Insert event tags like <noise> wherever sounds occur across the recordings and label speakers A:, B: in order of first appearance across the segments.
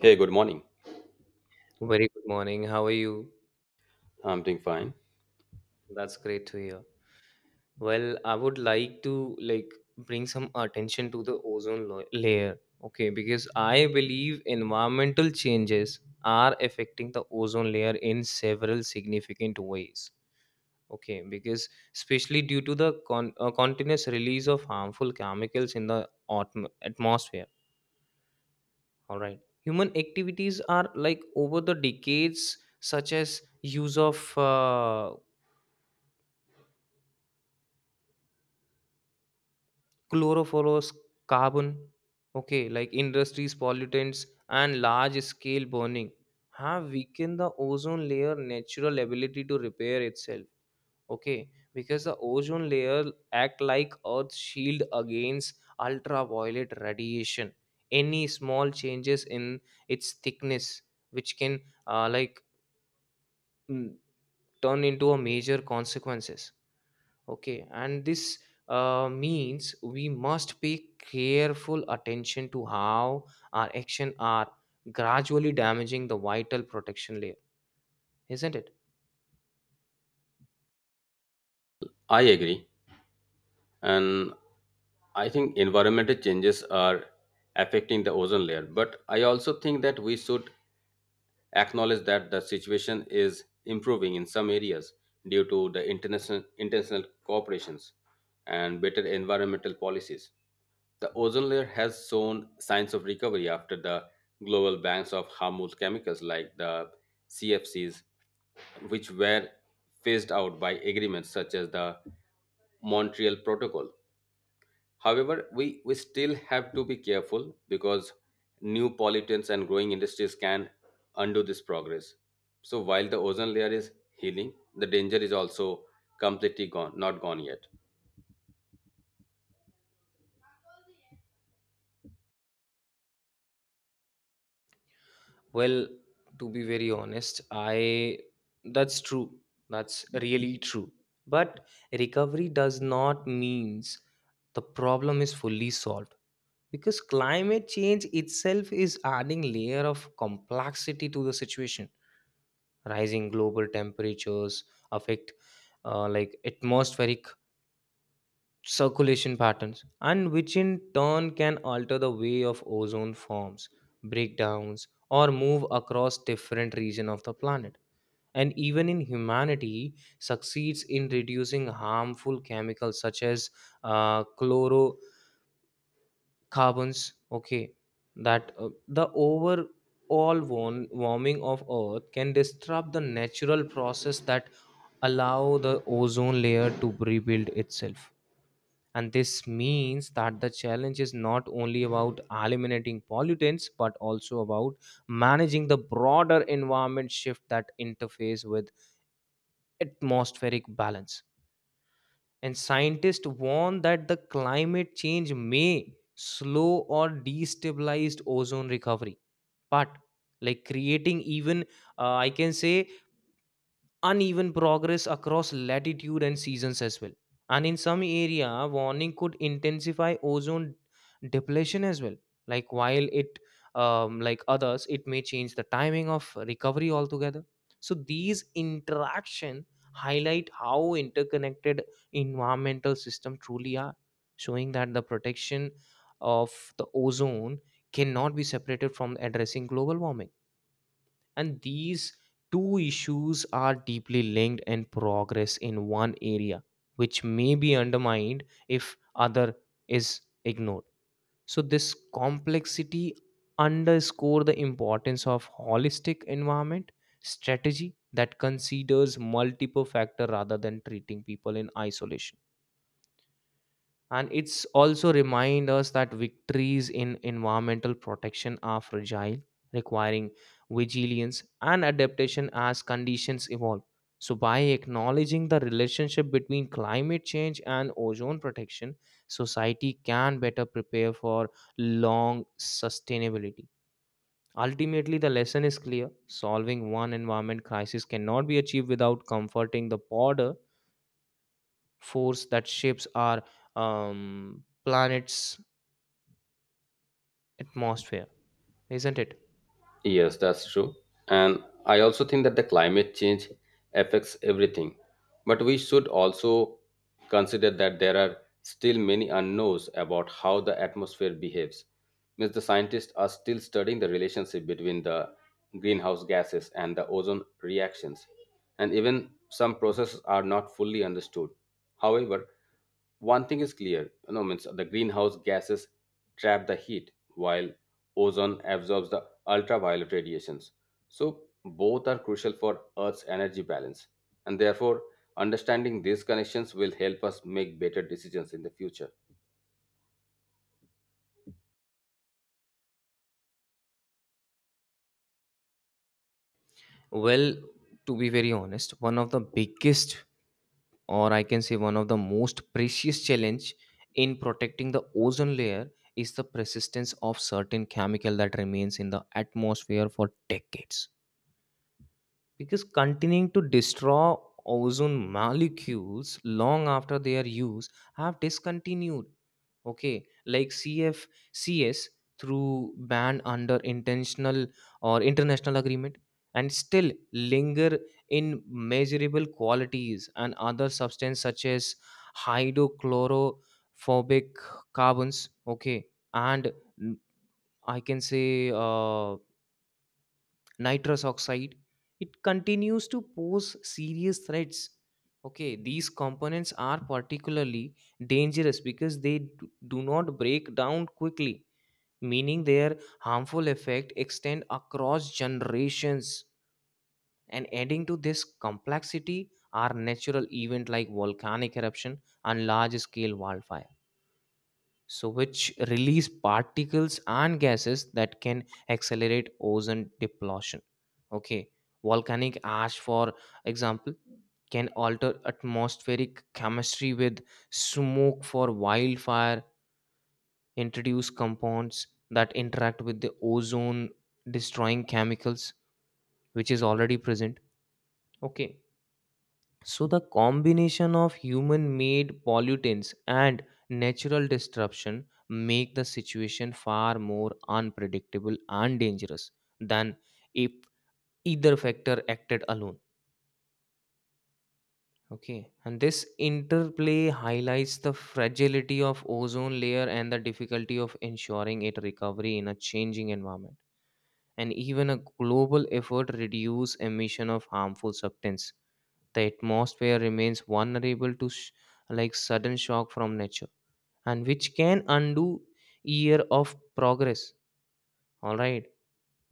A: Hey, good morning.
B: Very good morning. How are you?
A: I'm doing fine.
B: That's great to hear. Well, I would like to bring some attention to the ozone layer, okay? Because I believe environmental changes are affecting the ozone layer in several significant ways. Okay, because especially due to the continuous release of harmful chemicals in the atmosphere. All right. Human activities are like over the decades such as use of chlorophorus carbon, okay, like industries pollutants and large scale burning have weakened the ozone layer natural ability to repair itself, okay, because the ozone layer act like earth's shield against ultraviolet radiation. Any small changes in its thickness which can uh, like mm, turn into a major consequences. Okay, and this means we must pay careful attention to how our action are gradually damaging the vital protection layer, isn't it?
A: I agree. And I think environmental changes are affecting the ozone layer. But I also think that we should acknowledge that the situation is improving in some areas due to the international cooperations and better environmental policies. The ozone layer has shown signs of recovery after the global bans of harmful chemicals like the CFCs, which were phased out by agreements such as the Montreal Protocol. However, we still have to be careful because new pollutants and growing industries can undo this progress. So while the ozone layer is healing, the danger is also completely gone, not gone yet.
B: Well, to be very honest, I that's true. That's really true. But recovery does not means the problem is fully solved because climate change itself is adding layer of complexity to the situation. Rising global temperatures affect atmospheric circulation patterns and which in turn can alter the way of ozone forms, breakdowns or move across different region of the planet. And even in humanity succeeds in reducing harmful chemicals such as chlorocarbons, okay, that the overall warming of earth can disrupt the natural process that allow the ozone layer to rebuild itself. And this means that the challenge is not only about eliminating pollutants but also about managing the broader environment shift that interface with atmospheric balance. And scientists warn that the climate change may slow or destabilize ozone recovery. But like creating even I can say uneven progress across latitude and seasons as well, and in some area warning could intensify ozone depletion as well, like while it others it may change the timing of recovery altogether. So these interaction highlight how interconnected environmental system truly are, showing that the protection of the ozone cannot be separated from addressing global warming, and these two issues are deeply linked and progress in one area which may be undermined if other is ignored. So this complexity underscore the importance of holistic environment strategy that considers multiple factor rather than treating people in isolation, and it's also remind us that victories in environmental protection are fragile, requiring vigilance and adaptation as conditions evolve. So by acknowledging the relationship between climate change and ozone protection, society can better prepare for long sustainability. Ultimately the lesson is clear: solving one environment crisis cannot be achieved without comforting the broader force that shapes our planets atmosphere, isn't it?
A: Yes, that's true. And I also think that the climate change affects everything. But we should also consider that there are still many unknowns about how the atmosphere behaves. Means the scientists are still studying the relationship between the greenhouse gases and the ozone reactions. And even some processes are not fully understood. However, one thing is clear, you know, means the greenhouse gases trap the heat while ozone absorbs the ultraviolet radiations. So, both are crucial for Earth's energy balance, and therefore, understanding these connections will help us make better decisions in the future.
B: Well, to be very honest, one of the biggest, or I can say one of the most precious challenge in protecting the ozone layer is the persistence of certain chemical that remains in the atmosphere for decades, because continuing to destroy ozone molecules long after their use have discontinued, okay, like cf cs through ban under intentional or international agreement and still linger in measurable qualities and other substance such as hydrochlorophobic carbons, okay, and mm, I can say nitrous oxide, it continues to pose serious threats. Okay, these components are particularly dangerous because they do not break down quickly, meaning their harmful effect extend across generations. And adding to this complexity are natural events like volcanic eruption and large scale wildfires, so which release particles and gases that can accelerate ozone depletion. Okay, volcanic ash for example can alter atmospheric chemistry, with smoke for wildfire introduce compounds that interact with the ozone destroying chemicals which is already present, okay. So the combination of human made pollutants and natural disruption make the situation far more unpredictable and dangerous than if either factor acted alone. Okay, and this interplay highlights the fragility of ozone layer and the difficulty of ensuring it recovery in a changing environment. And even a global effort reduce emission of harmful substance, the atmosphere remains vulnerable to sudden shock from nature, and which can undo year of progress. All right,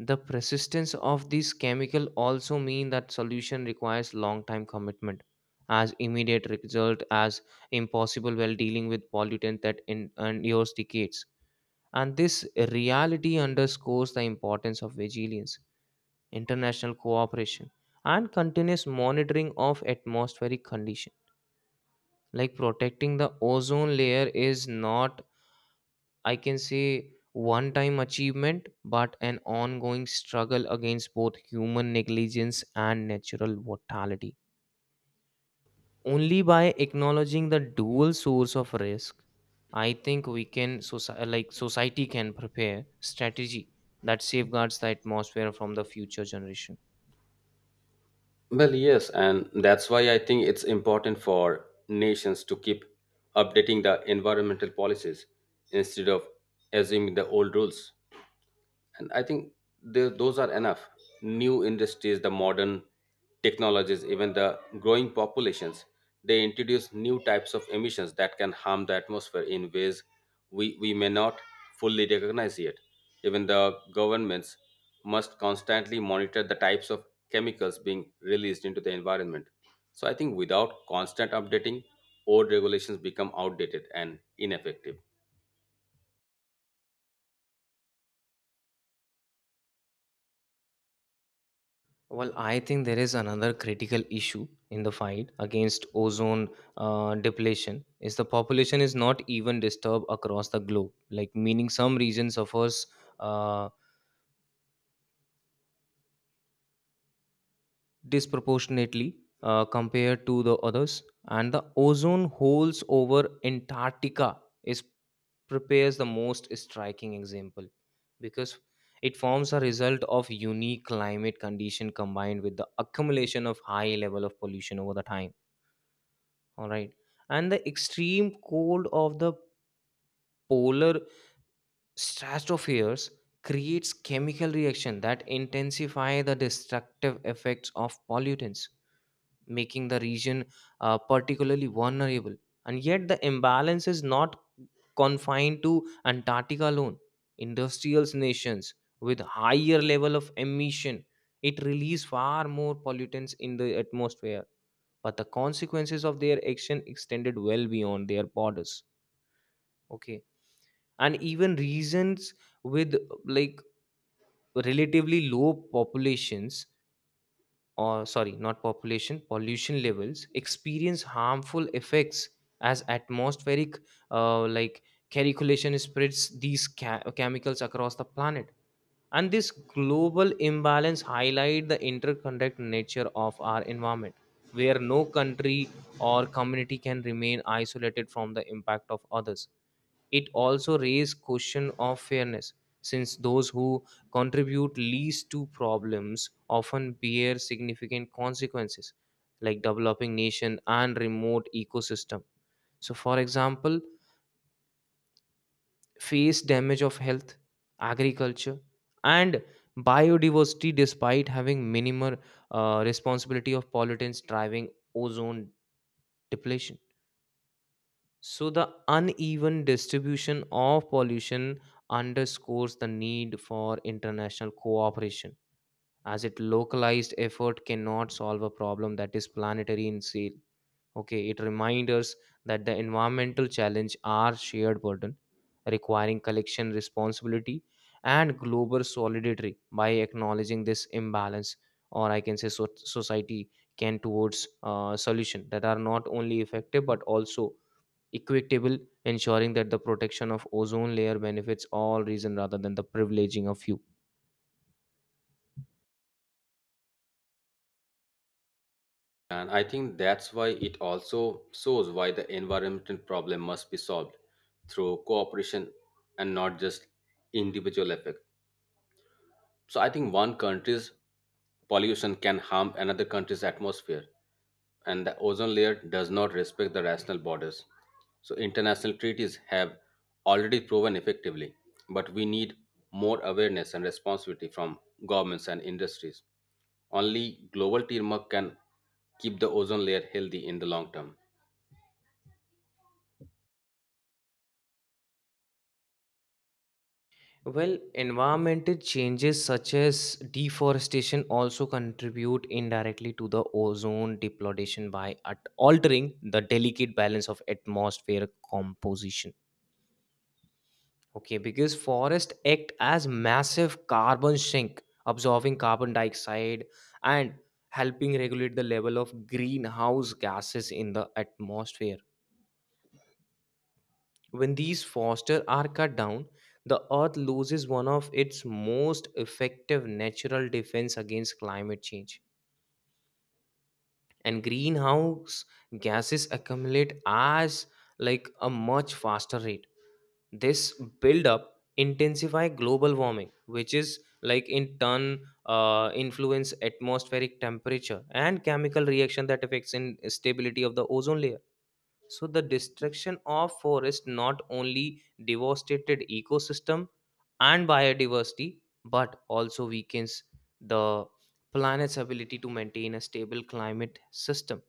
B: the persistence of these chemical also mean that solution requires long time commitment, as immediate result as impossible while dealing with pollutant that endures decades. And this reality underscores the importance of vigilance, international cooperation, and continuous monitoring of atmospheric condition. Like protecting the ozone layer is not, I can say, one time achievement, but an ongoing struggle against both human negligence and natural mortality. Only by acknowledging the dual source of risk, I think we can, society can prepare strategy that safeguards the atmosphere from the future generation.
A: Well, yes, and that's why I think it's important for nations to keep updating the environmental policies instead of assuming the old rules. And I think the, those are enough new industries, the modern technologies, even the growing populations, they introduce new types of emissions that can harm the atmosphere in ways we may not fully recognize yet. Even the governments must constantly monitor the types of chemicals being released into the environment. So I think without constant updating, old regulations become outdated and ineffective.
B: Well, I think there is another critical issue in the fight against ozone depletion is the population is not even disturbed across the globe, like meaning some region suffers uh, disproportionately compared to the others, and the ozone holes over Antarctica is prepares the most striking example because it forms a result of unique climate condition combined with the accumulation of high level of pollution over the time. All right. And the extreme cold of the polar stratospheres creates chemical reaction that intensify the destructive effects of pollutants, making the region particularly vulnerable. And yet the imbalance is not confined to Antarctica alone. Industrial nations with higher level of emission, it release far more pollutants in the atmosphere, but the consequences of their action extended well beyond their borders, okay. And even regions with like relatively low populations, or sorry not population pollution levels experience harmful effects as atmospheric uh, like calculation spreads these chemicals across the planet. And this global imbalance highlight the interconnected nature of our environment, where no country or community can remain isolated from the impact of others. It also raised question of fairness, since those who contribute least to problems often bear significant consequences, like developing nation and remote ecosystem, so for example face damage of health, agriculture, and biodiversity despite having minimal responsibility of pollutants driving ozone depletion. So the uneven distribution of pollution underscores the need for international cooperation, as it localized effort cannot solve a problem that is planetary in scale. Okay, it reminds us that the environmental challenge are shared burden, requiring collection responsibility and global solidarity. By acknowledging this imbalance, or I can say society can towards solution that are not only effective but also equitable, ensuring that the protection of ozone layer benefits all region rather than the privileging of few.
A: And I think that's why it also shows why the environmental problem must be solved through cooperation and not just individual effort. So I think one country's pollution can harm another country's atmosphere, and the ozone layer does not respect the rational borders. So international treaties have already proven effectively, but we need more awareness and responsibility from governments and industries. Only global teamwork can keep the ozone layer healthy in the long term.
B: Well, environmental changes such as deforestation also contribute indirectly to the ozone depletion by altering the delicate balance of atmosphere composition. Okay, because forests act as massive carbon sink, absorbing carbon dioxide and helping regulate the level of greenhouse gases in the atmosphere. When these foster are cut down, the earth loses one of its most effective natural defense against climate change. And greenhouse gases accumulate as like a much faster rate. This buildup intensify global warming, which is like in turn influence atmospheric temperature and chemical reaction that affects in stability of the ozone layer. So the destruction of forest not only devastated ecosystem and biodiversity but also weakens the planet's ability to maintain a stable climate system.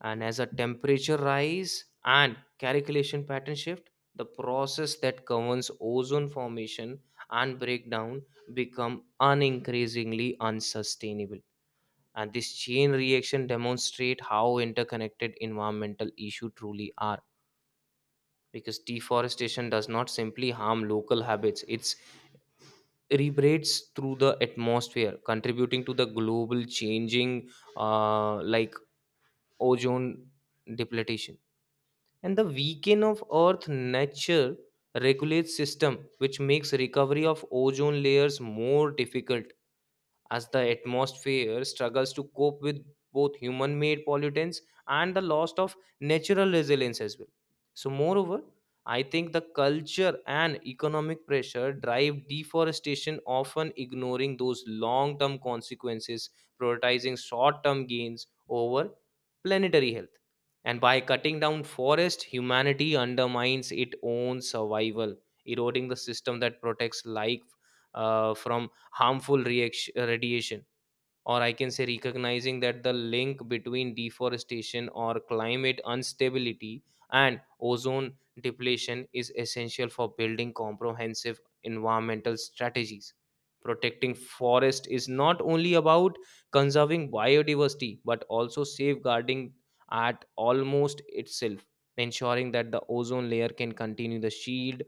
B: And as a temperature rise and calculation pattern shift, the process that governs ozone formation and breakdown become unincreasingly unsustainable. And this chain reaction demonstrate how interconnected environmental issues truly are, because deforestation does not simply harm local habits, it's reverberates through the atmosphere contributing to the global changing uh, like ozone depletion and the weakening of earth nature regulates system, which makes recovery of ozone layers more difficult as the atmosphere struggles to cope with both human made pollutants and the loss of natural resilience as well. So, moreover, I think the culture and economic pressure drive deforestation, often ignoring those long term consequences, prioritizing short term gains over planetary health. And by cutting down forest, humanity undermines its own survival, eroding the system that protects life from harmful reaction, radiation, or I can say recognizing that the link between deforestation or climate instability and ozone depletion is essential for building comprehensive environmental strategies. Protecting forest is not only about conserving biodiversity but also safeguarding at almost itself, ensuring that the ozone layer can continue to shield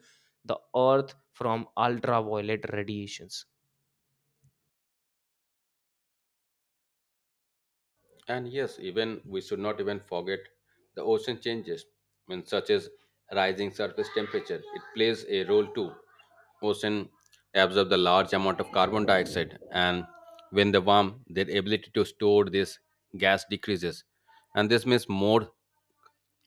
B: the earth from ultraviolet radiations.
A: And yes, even we should not even forget the ocean changes, when such as rising surface temperature. It plays a role too. Ocean absorb the large amount of carbon dioxide, and when they warm, their ability to store this gas decreases, and this means more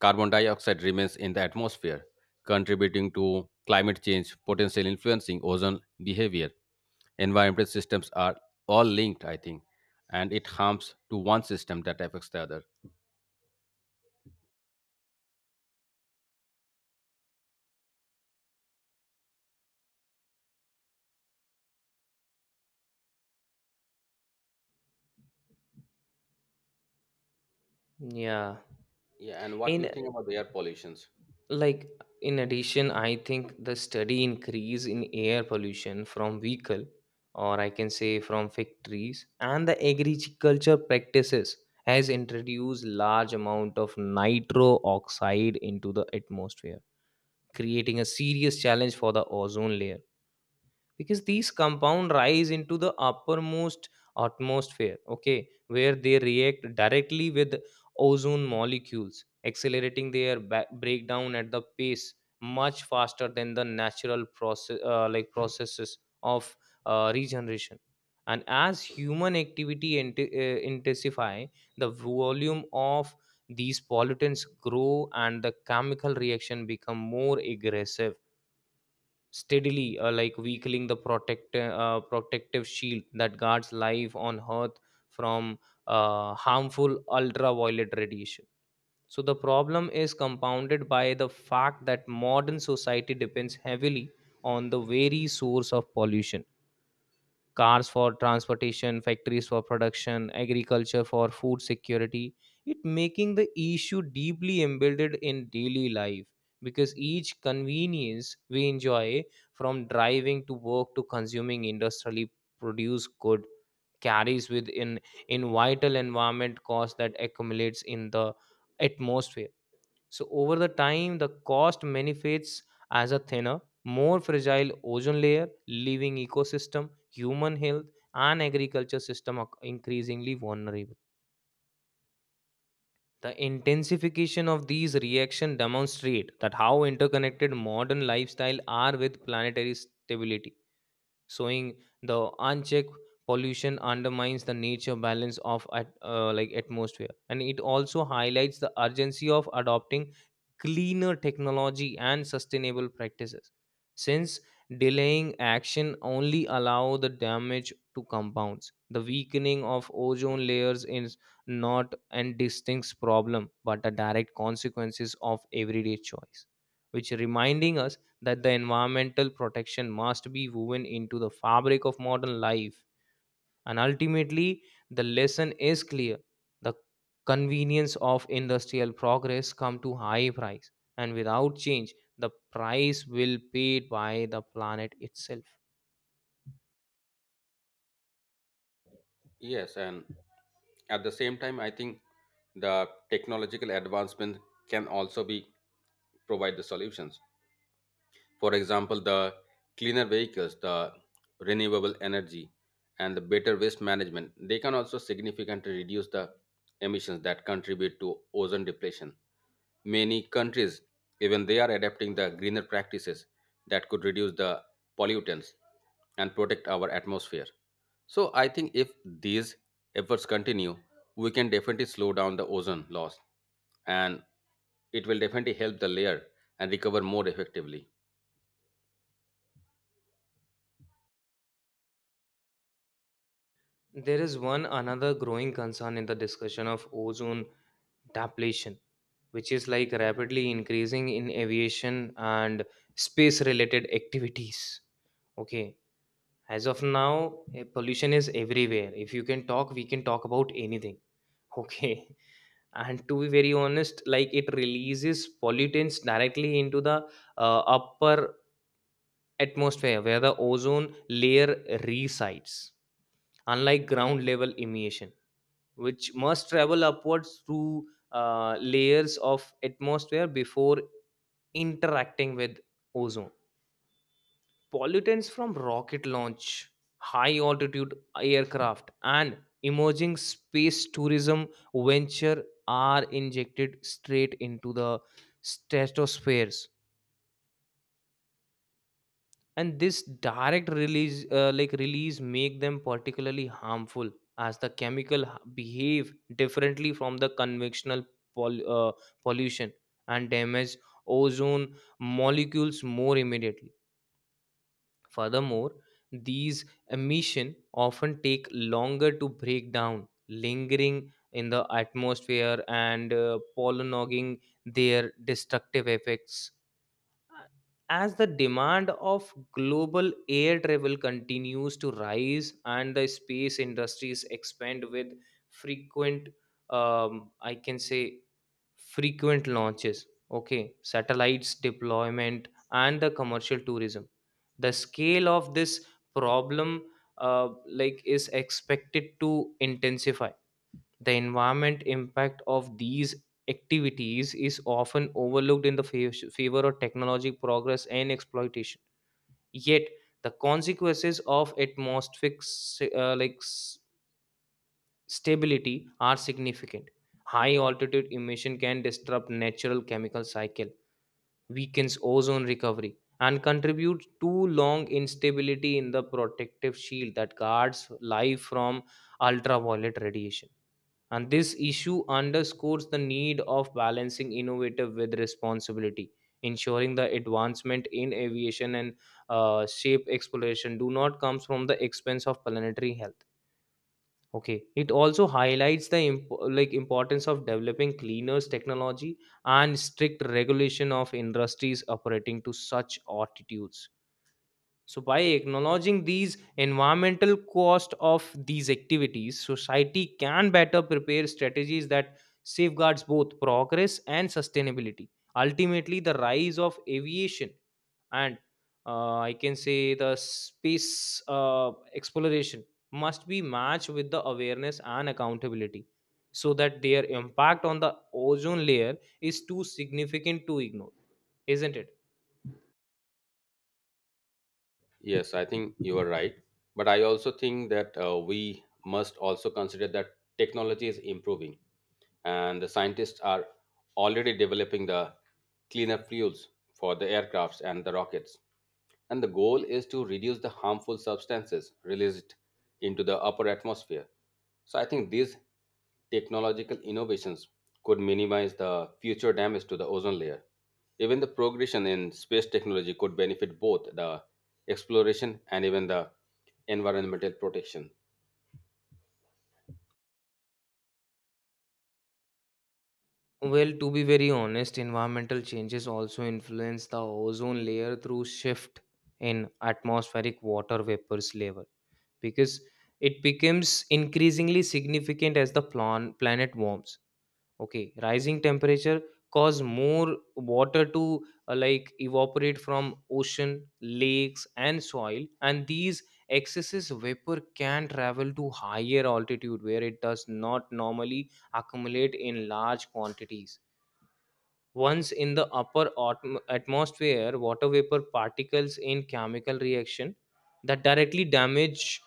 A: carbon dioxide remains in the atmosphere, contributing to climate change, potentially influencing ozone behavior. Environmental systems are all linked, I think, and it harms to one system that affects the other.
B: Yeah.
A: Yeah, and what do you
B: in
A: think about the air pollutions?
B: like in addition, I think the steady increase in air pollution from vehicle, or I can say from factories and the agriculture practices, has introduced large amount of nitro oxide into the atmosphere, creating a serious challenge for the ozone layer, because these compound rise into the uppermost atmosphere, okay, where they react directly with ozone molecules, accelerating their breakdown at the pace much faster than the natural process, like processes of regeneration. And as human activity inti intensify, the volume of these pollutants grow and the chemical reaction become more aggressive, steadily like weakening the protective shield that guards life on earth from harmful ultraviolet radiation. So the problem is compounded by the fact that modern society depends heavily on the very source of pollution: cars for transportation, factories for production, agriculture for food security. It making the issue deeply embedded in daily life, because each convenience we enjoy, from driving to work to consuming industrially produced good, carries with in vital environment cost that accumulates in the atmosphere. So over the time, the cost manifests as a thinner, more fragile ozone layer, leaving ecosystem, human health, and agriculture system increasingly vulnerable. The intensification of these reactions demonstrate that how interconnected modern lifestyle are with planetary stability, showing the unchecked pollution undermines the nature balance of like atmosphere, and it also highlights the urgency of adopting cleaner technology and sustainable practices, since delaying action only allow the damage to compounds. The weakening of ozone layers is not an distinct problem but a direct consequences of everyday choice, which reminding us that the environmental protection must be woven into the fabric of modern life. And ultimately, the lesson is clear. The convenience of industrial progress come to high price, and without change, the price will paid by the planet itself.
A: Yes, and at the same time, I think the technological advancement can also be provide the solutions. For example, the cleaner vehicles, the renewable energy, and the better waste management, they can also significantly reduce the emissions that contribute to ozone depletion. Many countries, even they are adapting the greener practices that could reduce the pollutants and protect our atmosphere. So I think if these efforts continue, we can definitely slow down the ozone loss, and it will definitely help the layer and recover more effectively.
B: There is one another growing concern in the discussion of ozone depletion, which is like rapidly increasing in aviation and space related activities. Okay, as of now, pollution is everywhere. If you can talk, we can talk about anything, okay. <laughs> And to be very honest, like, it releases pollutants directly into the upper atmosphere where the ozone layer resides, unlike ground level emission, which must travel upwards through layers of atmosphere before interacting with ozone. Pollutants from rocket launch, high altitude aircraft, and emerging space tourism venture are injected straight into the stratospheres, and this direct release, like release, make them particularly harmful, as the behave differently from the conventional pol- uh, pollution and damage ozone molecules more immediately. Furthermore, these emissions often take longer to break down, lingering in the atmosphere and prolonging their destructive effects. As the demand of global air travel continues to rise and the space industries expand with frequent, I can say, frequent launches, okay, satellites deployment, and the commercial tourism. The scale of this problem, is expected to intensify. The environment impact of these activities is often overlooked in the favor of technology progress and exploitation. Yet, the consequences of atmospheric, stability are significant. High altitude emission can disrupt natural chemical cycle, weakens ozone recovery, and contribute to long instability in the protective shield that guards life from ultraviolet radiation. And this issue underscores the need of balancing innovative with responsibility, ensuring the advancement in aviation and shape exploration do not comes from the expense of planetary health. Okay, it also highlights the importance of developing cleaners technology and strict regulation of industries operating to such altitudes. So by acknowledging these environmental cost of these activities, society can better prepare strategies that safeguards both progress and sustainability. Ultimately, the rise of aviation and I can say, the space exploration must be matched with the awareness and accountability, so that their impact on the ozone layer is too significant to ignore, isn't it?
A: Yes, I think you are right. But I also think that we must also consider that technology is improving and the scientists are already developing the cleaner fuels for the aircrafts and the rockets, and the goal is to reduce the harmful substances released into the upper atmosphere. So I think these technological innovations could minimize the future damage to the ozone layer. Even the progression in space technology could benefit both the exploration and even the environmental protection.
B: Well, to be very honest, environmental changes also influence the ozone layer through shift in atmospheric water vapors level, because it becomes increasingly significant as the planet warms. Okay, rising temperature cause more water to like evaporate from ocean, lakes and soil, and these excesses vapor can travel to higher altitude where it does not normally accumulate in large quantities. Once in the upper atmosphere, water vapor particles in chemical reaction that directly damage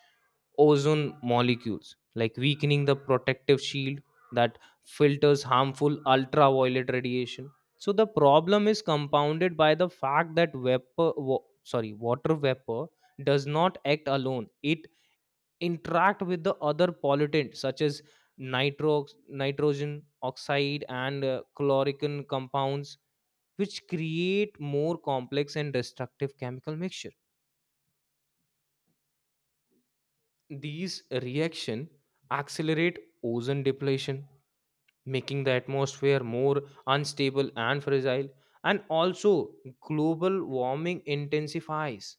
B: ozone molecules, like weakening the protective shield that filters harmful ultraviolet radiation. So the problem is compounded by the fact that water vapor does not act alone. It interact with the other pollutants such as nitrogen oxide and chlorine compounds, which create more complex and destructive chemical mixture. These reaction accelerate ozone depletion, making the atmosphere more unstable and fragile, and also global warming intensifies.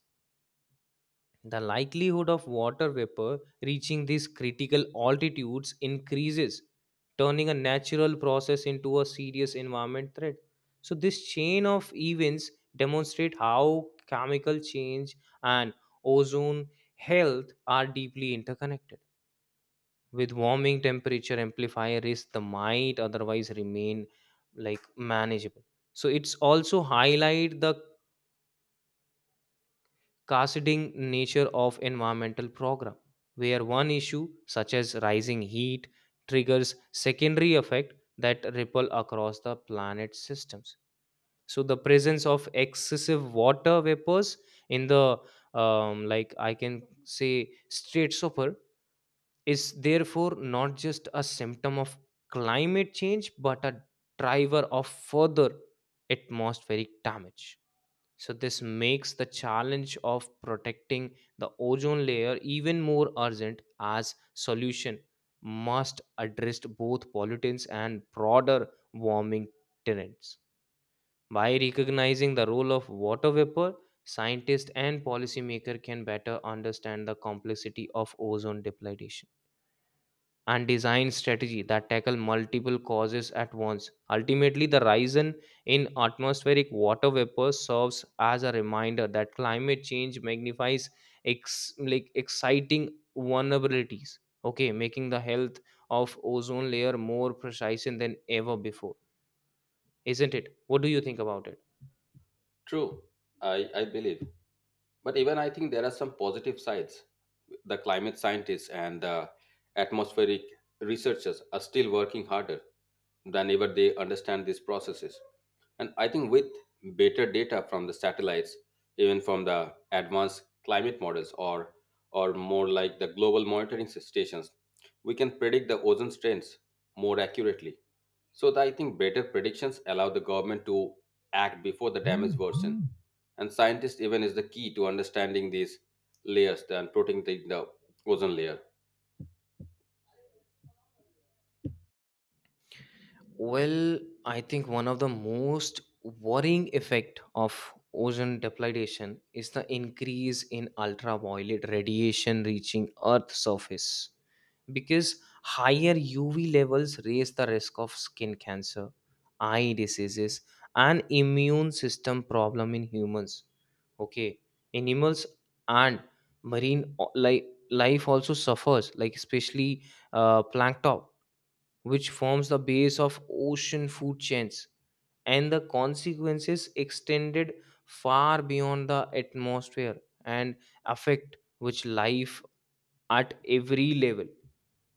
B: The likelihood of water vapor reaching these critical altitudes increases, turning a natural process into a serious environment threat. So, this chain of events demonstrate how chemical change and ozone health are deeply interconnected. With warming, temperature amplifier risk that might otherwise remain like manageable. So, it's also highlight the cascading nature of environmental program, where one issue such as rising heat triggers secondary effect that ripple across the planet systems. So the presence of excessive water vapors in the I can say, straight super is therefore not just a symptom of climate change but a driver of further atmospheric damage. So this makes the challenge of protecting the ozone layer even more urgent, as solution must address both pollutants and broader warming tenets. By recognizing the role of water vapor, scientists and policymakers can better understand the complexity of ozone depletion and design strategy that tackle multiple causes at once. Ultimately, the rise in atmospheric water vapor serves as a reminder that climate change magnifies ex, like exciting vulnerabilities. Okay, making the health of ozone layer more precise than ever before, isn't it? What do you think about it?
A: True, I believe. But even I think there are some positive sides. The climate scientists and the atmospheric researchers are still working harder than ever they understand these processes. And I think with better data from the satellites, even from the advanced climate models, or more like the global monitoring s- stations, we can predict the ozone strains more accurately. So that I think better predictions allow the government to act before the damage worsen. And scientists even is the key to understanding these layers and protecting the ozone layer.
B: Well, I think one of the most worrying effect of ozone depletion is the increase in ultraviolet radiation reaching Earth's surface, because higher UV levels raise the risk of skin cancer, eye diseases, and immune system problem in humans. Okay, animals and life also suffers, like especially plankton, which forms the base of ocean food chains, and the consequences extended far beyond the atmosphere and affect which life at every level,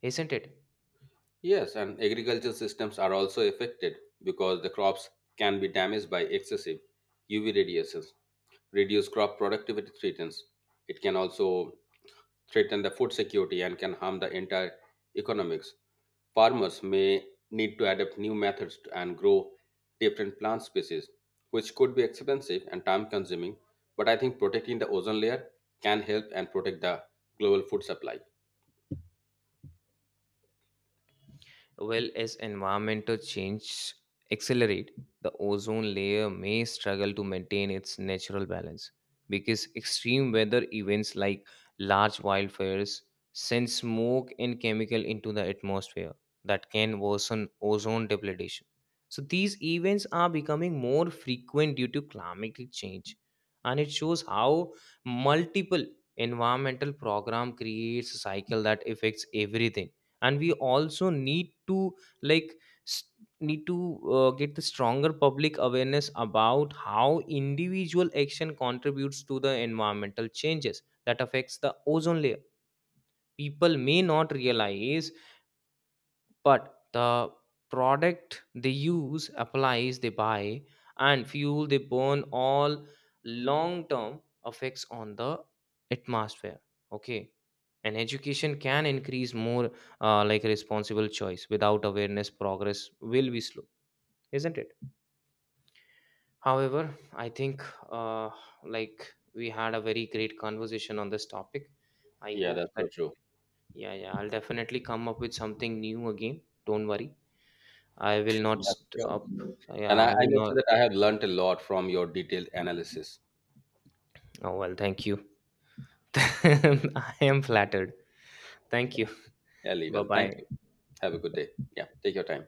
B: isn't it?
A: Yes, and agricultural systems are also affected because the crops can be damaged by excessive UV radiations, reduce crop productivity threatens. It can also threaten the food security and can harm the entire economics. Farmers may need to adapt new methods to- and grow different plant species, which could be expensive and time consuming, but I think protecting the ozone layer can help and protect the global food supply.
B: Well, as environmental change accelerate, the ozone layer may struggle to maintain its natural balance, because extreme weather events like large wildfires send smoke and chemical into the atmosphere that can worsen ozone depletion. So these events are becoming more frequent due to climatic change, and it shows how multiple environmental program creates a cycle that affects everything. And we also need to, like s- need to get the stronger public awareness about how individual action contributes to the environmental changes that affects the ozone layer. People may not realize, but the product they use, applies they buy, and fuel they burn all long term effects on the atmosphere. Okay, and education can increase more like responsible choice. Without awareness, progress will be slow, isn't it? However, I think, uh, like we had a very great conversation on this topic. I
A: Yeah,
B: hope
A: that's
B: that,
A: so true.
B: yeah, I'll definitely come up with something new again. Don't worry, I will not
A: Yeah, sure.
B: stop.
A: And
B: Yeah,
A: I,
B: I
A: I
B: will
A: must say
B: not.
A: that I have learnt a lot from your detailed analysis.
B: Oh, well, thank you. <laughs> I am flattered. Thank
A: Yeah,
B: you.
A: really
B: Bye
A: well. Thank
B: bye.
A: you. Have a good day. Yeah, take your time.